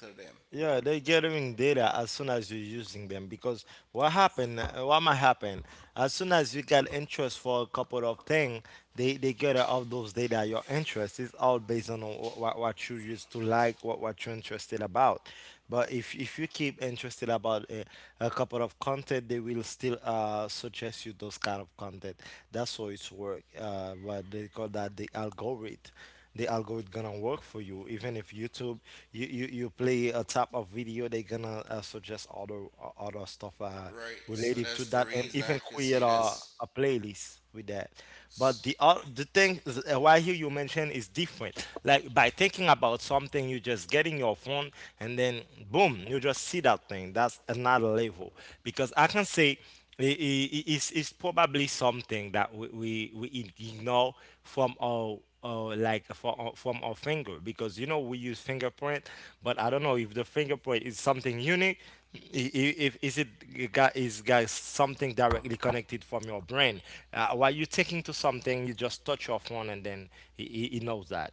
to them,
Yeah, they're gathering data as soon as you're using them because what happen? Uh, what might happen, as soon as you get interest for a couple of things, they, they gather all those data. Your interest is all based on what, what you used to like, what, what you're interested about. But if, if you keep interested about a, a couple of content, they will still uh, suggest you those kind of content. That's how it's work. Uh, what they call that the algorithm. The algorithm gonna work for you. Even if YouTube, you you, you play a type of video, they gonna uh, suggest other o- other stuff uh,
right? So
related to
that's the
that, and
reason I
even
could
create
say
a, a
that's.
playlist with that. But the uh, the thing is, uh, why here you mention is different. Like by thinking about something, you just getting your phone, and then boom, you just see that thing. That's another level because I can say i- i- it's, it's probably something that we, we, we ignore from our, our like for our, from our finger because you know we use fingerprint. But I don't know if the fingerprint is something unique. I- i- if is it got, is got something directly connected from your brain uh, while you're taking to something, you just touch your phone and then he, he he knows that,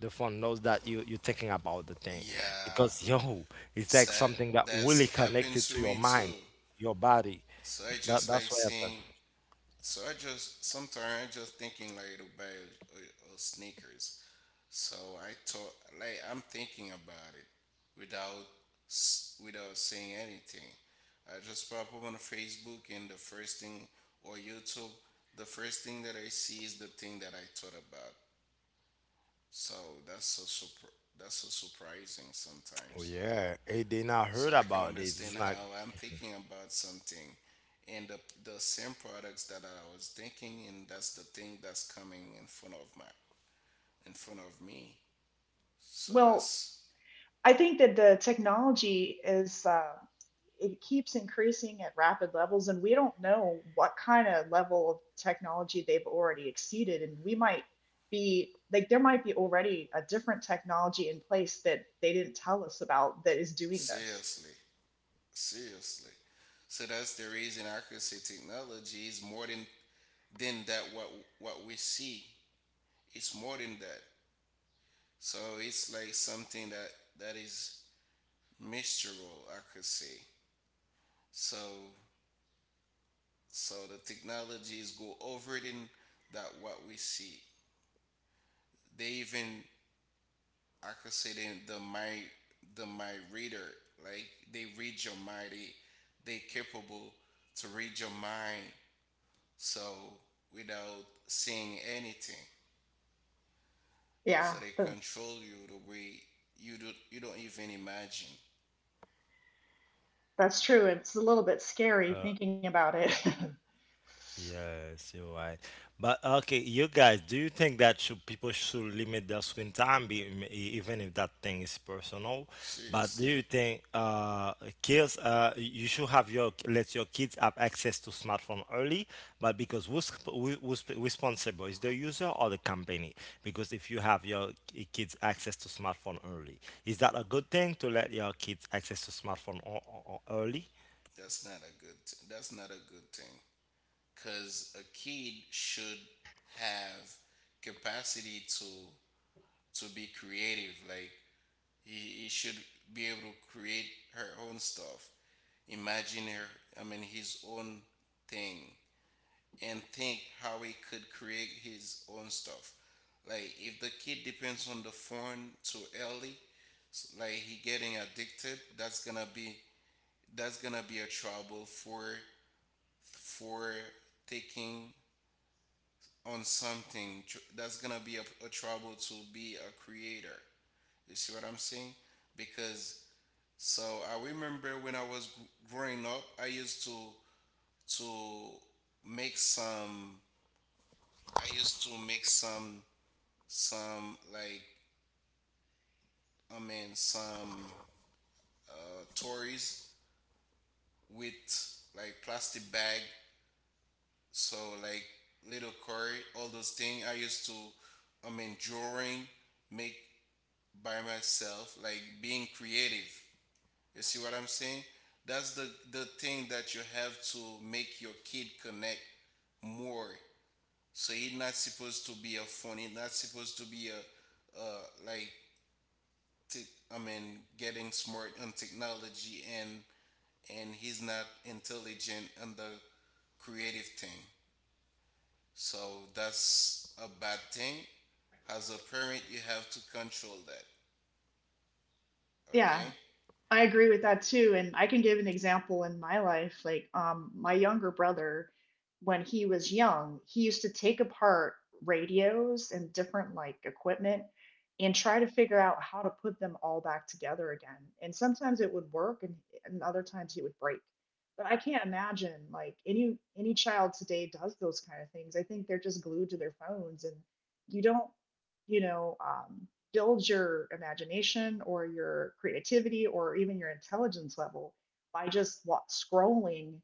the phone knows that you you're thinking about the thing
Yeah,
because yo, it's
so
like something that really
that's happened
connected
to
to your
me
mind,
too.
your body.
So I
That
just
that's
like
why I think,
seeing. So I just sometimes I just thinking like to buy a, a, a sneakers. So I thought like I'm thinking about it without s- without saying anything. I just pop up on Facebook and the first thing or YouTube, the first thing that I see is the thing that I thought about. So that's so surpr that's so surprising
oh
sometimes.
yeah, hey, they not
So
heard
I can
about it.
understand
It's like
how I'm thinking about something, and the the same products that I was thinking, and that's the thing that's coming in front of my in front of me. So
Well,
that's
I think that the technology is, uh, it keeps increasing at rapid levels, and we don't know what kind of level of technology they've already exceeded, and we might be, like, there might be already a different technology in place that they didn't tell us about that is doing this.
seriously, seriously. So that's the reason accuracy technology is more than than that what what we see. It's more than that. So it's like something that that is mystical, I could say. So so the technologies go over it in that what we see. They even I could say they, the mind the mind reader, like they read your mind. They they capable to read your mind. So without seeing anything, so
Yeah,
they
th-
control you the way you do you don't even imagine.
that's true. It's a little bit scary
uh,
thinking about it.
yes, you're right. But okay, you guys, do you think that should people should limit their screen time, be, m- e- even if that thing is personal? But do
Seriously.
you think uh kids, uh you should have your, let your kids have access to smartphone early? But because who's who- who's responsible, is the user or the company? Because if you have your ki- kids access to smartphone early, is that a good thing to let your kids access to smartphone o- o- o- early?
That's not a good. T- that's not a good thing. Cause a kid should have capacity to to be creative. Like He, he should be able to create her own stuff, imagine her, I mean, his own thing, and think how he could create his own stuff. Like if the kid depends on the phone too early, s- like he getting addicted, that's gonna be that's gonna be a trouble for for taking on something tr- that's gonna be a, a trouble to be a creator. You see what I'm saying? Because So I remember when I was g- growing up, I used to to make some. I used to make some some like I mean some uh, toys with like plastic bag. So like little curry, all those things. I used to I mean drawing, make by myself, like being creative. You see what I'm saying? That's the the thing that you have to make your kid connect more. So he's not supposed to be a phone. He's not supposed to be a, uh, like te- I mean, getting smart on technology, and and he's not intelligent on the creative thing. So that's a bad thing. As a parent, you have to control that.
Yeah.
Okay?
I agree with that too. And I can give an example in my life. Like, um, my younger brother, when he was young, he used to take apart radios and different, like, equipment and try to figure out how to put them all back together again. And sometimes it would work, and, and other times it would break. But I can't imagine like any any child today does those kind of things. I think they're just glued to their phones and you don't, you know, um, build your imagination or your creativity or even your intelligence level by just wa- scrolling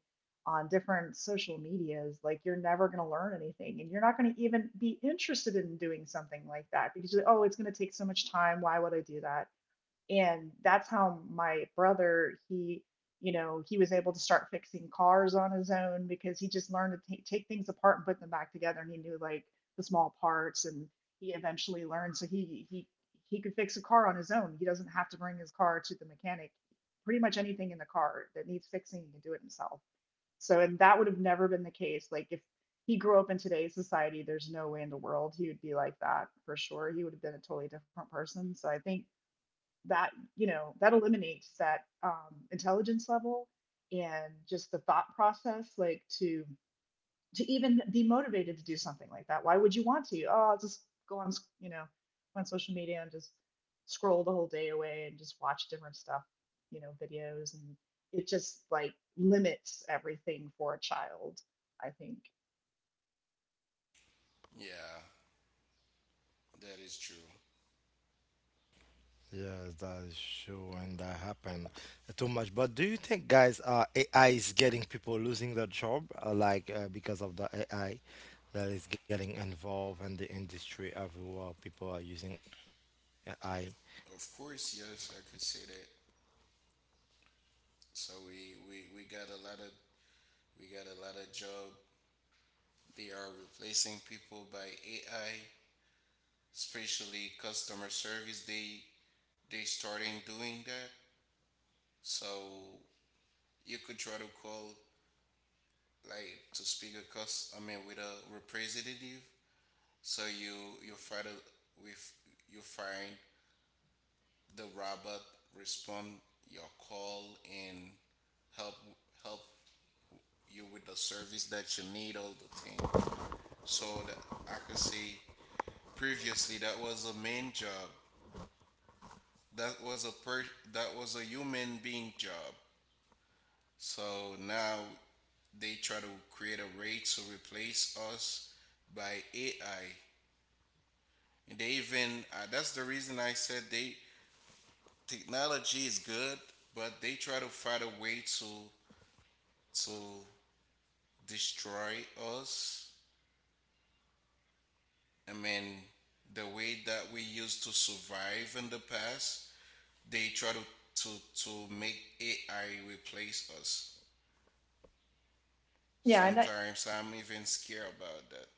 on different social medias. Like, you're never going to learn anything, and you're not going to even be interested in doing something like that because you're like, oh, it's going to take so much time, why would I do that. And that's how my brother, he, you know, he was able to start fixing cars on his own because he just learned to ta- take things apart and put them back together, and he knew, like, the small parts, and he eventually learned. So he he he could fix a car on his own. He doesn't have to bring his car to the mechanic. Pretty much anything in the car that needs fixing he can do it himself. So, and that would have never been the case, like, if he grew up in today's society, there's no way in the world he would be like that, for sure. He would have been a totally different person. So I think that, you know, that eliminates that, um, intelligence level, and just the thought process, like, to to even be motivated to do something like that. Why would you want to? Oh, I'll just go on, you know, on social media and just scroll the whole day away and just watch different stuff, you know, videos, and it just, like, limits everything for a child, I think.
Yeah, that is true.
Yes, that is sure, and that happened too much. But do you think, guys, uh, A I is getting people losing their job, uh, like uh, because of the A I that is getting involved in the industry everywhere? People are using A I.
Of course, yes, I could say that. So we, we, we got a lot of we got a lot of job. They are replacing people by A I, especially customer service. They they starting doing that. So you could try to call like to speak a cus, I mean, with a representative. So you you find a, with you find the robot respond your call and help help you with the service that you need all the time. So that I could say previously that was a main job. That was a per that was a human being job. So now they try to create a race to replace us by A I. And they even uh, that's the reason I said they technology is good, but they try to find a way to to destroy us. I mean, the way that we used to survive in the past they try to to to make A I replace us.
Yeah, and
Sometimes I'm even scared about that.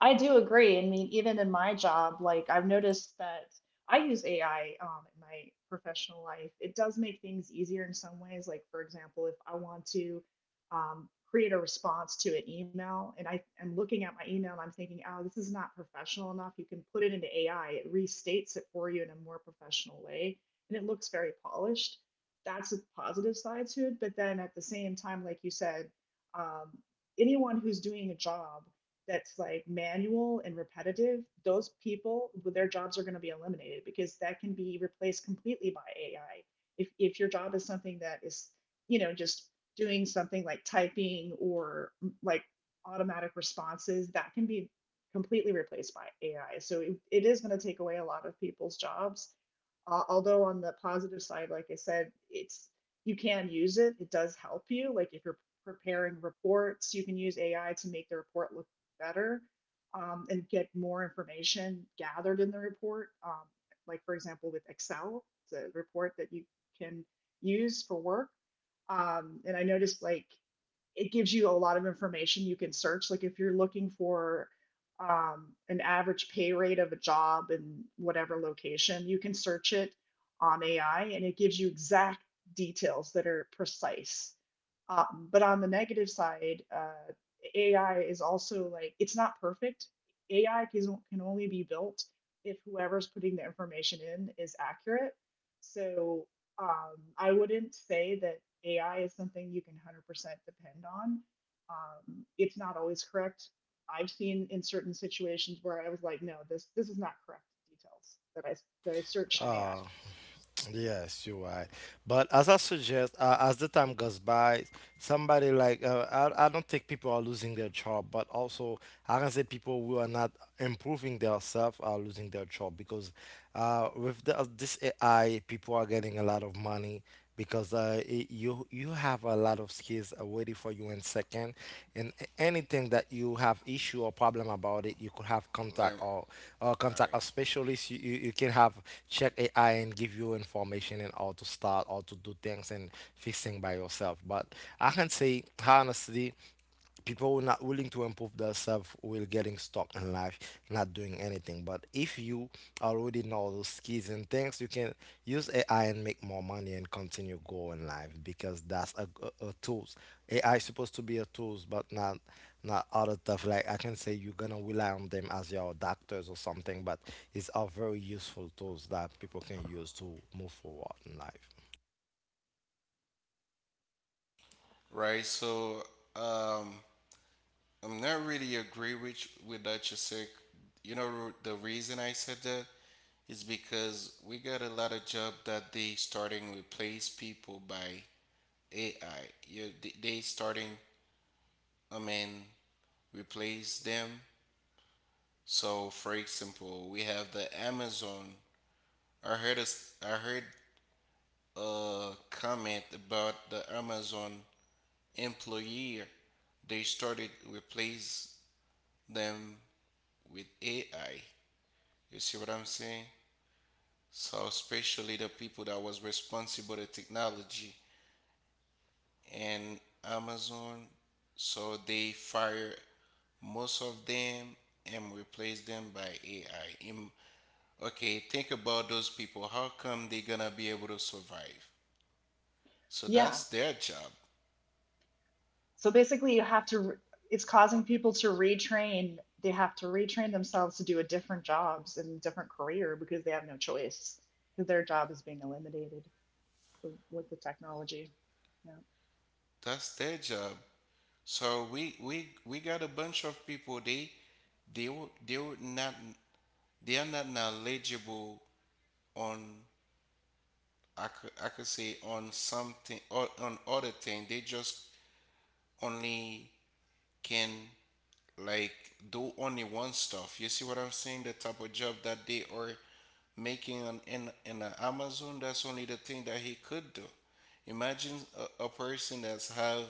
I do agree. I mean, even in my job, like, I've noticed that I use A I um, in my professional life. It does make things easier in some ways. Like, for example, if I want to um, create a response to an email and I am looking at my email and I'm thinking, oh, this is not professional enough, you can put it into A I. It restates it for you in a more professional way, and it looks very polished. That's a positive side to it. But then at the same time, like you said, um, anyone who's doing a job that's like manual and repetitive, those people, their jobs are going to be eliminated because that can be replaced completely by A I. If, if your job is something that is, you know, just doing something like typing or mm, like automatic responses, that can be completely replaced by A I. So it, it is going to take away a lot of people's jobs. Uh, although on the positive side, like I said, it's, you can use it. It does help you. Like, if you're preparing reports, you can use A I to make the report look better, um, and get more information gathered in the report. Um, like, for example, with Excel, it's a report that you can use for work. Um, and I noticed, like, it gives you a lot of information you can search. Like, if you're looking for um, an average pay rate of a job in whatever location, you can search it on A I and it gives you exact details that are precise. Um, but on the negative side, uh, A I is also, like, it's not perfect. A I can, can only be built if whoever's putting the information in is accurate. So um, I wouldn't say that A I is something you can one hundred percent depend on. Um, it's not always correct. I've seen in certain situations where I was like, no, this this is not correct, details that I that I searched in A I.
Uh, Yes, you're right. But as I suggest, uh, as the time goes by, somebody like uh, I, I don't think people are losing their job, but also I can say people who are not improving themselves are losing their job because uh, with the, uh, this A I, people are getting a lot of money because uh, I you you have a lot of skills uh, waiting for you in second, and a- anything that you have issue or problem about it, you could have
Lem-
contact, or or
all
contact a
right,
specialist. You, you, you can have check AI and give you information and how to start, how to do things and fixing by yourself. But I can say honestly, people who are not willing to improve themselves will getting stuck in life, not doing anything. But if you already know those skills and things, you can use AI and make more money and continue go in life because that's a, a, a tools. AI is supposed to be a tools, but not not other stuff. Like I can say you're gonna rely on them as your doctors or something, but it's a very useful tools that people can use to move forward in life.
right. So um, I'm not really agree with with that, you said. You know the reason I said that is because we got a lot of job that they starting replace people by A I. You they they starting, I mean, replace them. So for example, we have the Amazon, I heard a s I heard a comment about the Amazon employee. They started replace them with A I. You see what I'm saying? So especially the people that was responsible to technology and Amazon, so they fire most of them and replace them by A I. Im- okay, think about those people. How come they gonna be able to survive? So
Yeah.
that's their job.
So basically, you have to, it's causing people to retrain. They have to retrain themselves to do a different jobs and a different career because they have no choice, because their job is being eliminated with the technology. Yeah.
That's their job. So we we we got a bunch of people, they they wo- they would not, they are not knowledgeable on I could, I could say on something or on other thing. They just only can like do only one stuff. You see what I'm saying? The type of job that they are making on in in a Amazon. That's only the thing that he could do. Imagine a, a person that's have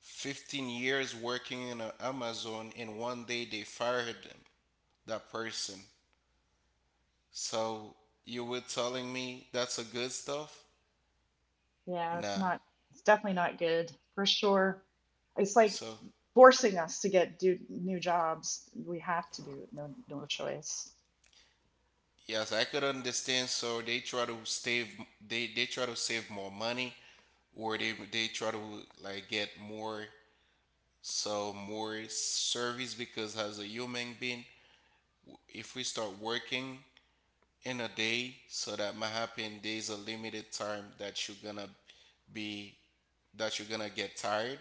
fifteen years working in uh, Amazon, and one day they fired them, that person. So you were telling me that's a good stuff?
Yeah, it's
Nah.
not, it's definitely not good for sure. It's like
So
forcing us to get do new jobs. We have to do it, no no choice.
yes, I could understand. So they try to save they they try to save more money or they they try to like get more so more service because as a human being, if we start working in a day, so that might happen there's a limited time that you're gonna be that you're gonna get tired.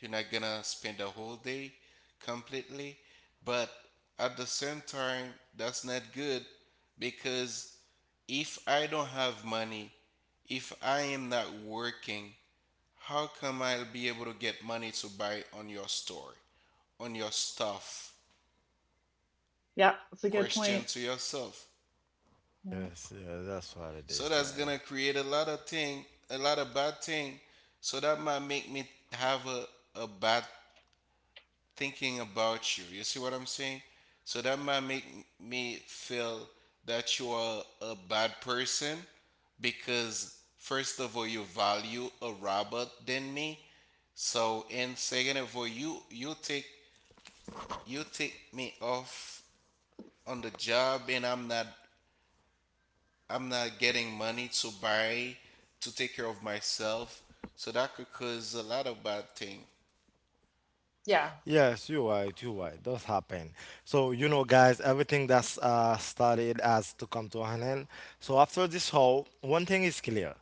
You're not gonna spend the whole day completely. But at the same time, that's not good because if I don't have money, if I am not working, how come I'll be able to get money to buy on your store, on your stuff?
Yeah, that's a good
Question
point.
to yourself.
Yeah.
Yes, yeah, that's what it
So
is,
that's
guys.
gonna create a lot of thing, a lot of bad thing. So that might make me have a, a bad thinking about you. You see what I'm saying? So that might make me feel that you are a bad person because first of all you value a robot than me. So and second of all you you take you take me off on the job, and I'm not I'm not getting money to buy to take care of myself. So that could cause a lot of bad things.
Yeah.
Yes, you're right, you're right. It does happen. So you know, guys, everything that's uh, started has to come to an end. So after this whole, one thing is clear: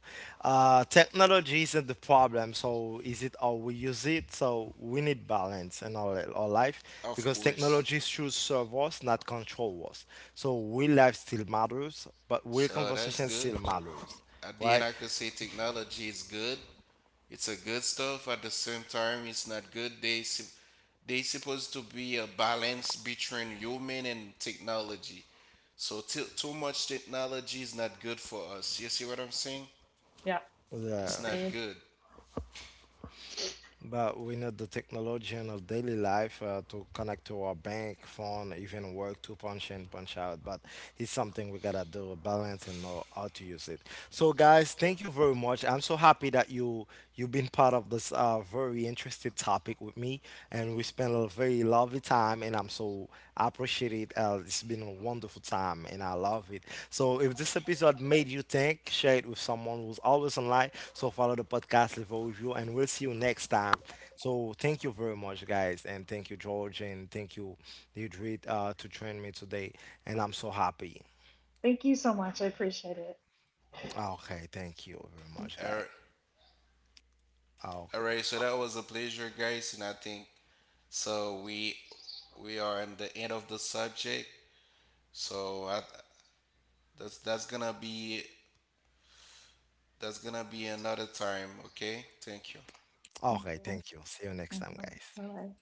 uh, technology isn't the problem. So is it how we use it? So we need balance in our our life
Of
because
course.
technology should serve us, not control us. So will life still matters, but will
So that's
conversation
good.
still matters,
At the end,
right?
I could say technology is good. It's a good stuff. At the same time, it's not good. They sup- they supposed to be a balance between human and technology. So too too much technology is not good for us. You see what I'm saying?
Yeah.
It's
Yeah.
not
Agreed.
good.
But we need the technology in our daily life uh, to connect to our bank, phone, even work to punch in, punch out. But it's something we gotta do, balance and know how to use it. So, guys, thank you very much. I'm so happy that you you've been part of this uh, very interesting topic with me, and we spent a very lovely time, and I'm so, I appreciate it. Uh, it's been a wonderful time and I love it. So if this episode made you think, share it with someone who's always online. So follow the podcast, leave a review, and we'll see you next time. So thank you very much, guys, and thank you, George, and thank you, Deidre, uh, to join me today. And I'm so happy.
Thank you so much. I appreciate it.
Okay, thank you very much,
All
guys.
right. All
Okay,
right, so that was a pleasure, guys, and I think so we we are in the end of the subject. So I, that's that's gonna be that's gonna be another time. Okay. Thank you.
Thank
okay,
you.
thank you. See you next
Bye
time, guys.
bye.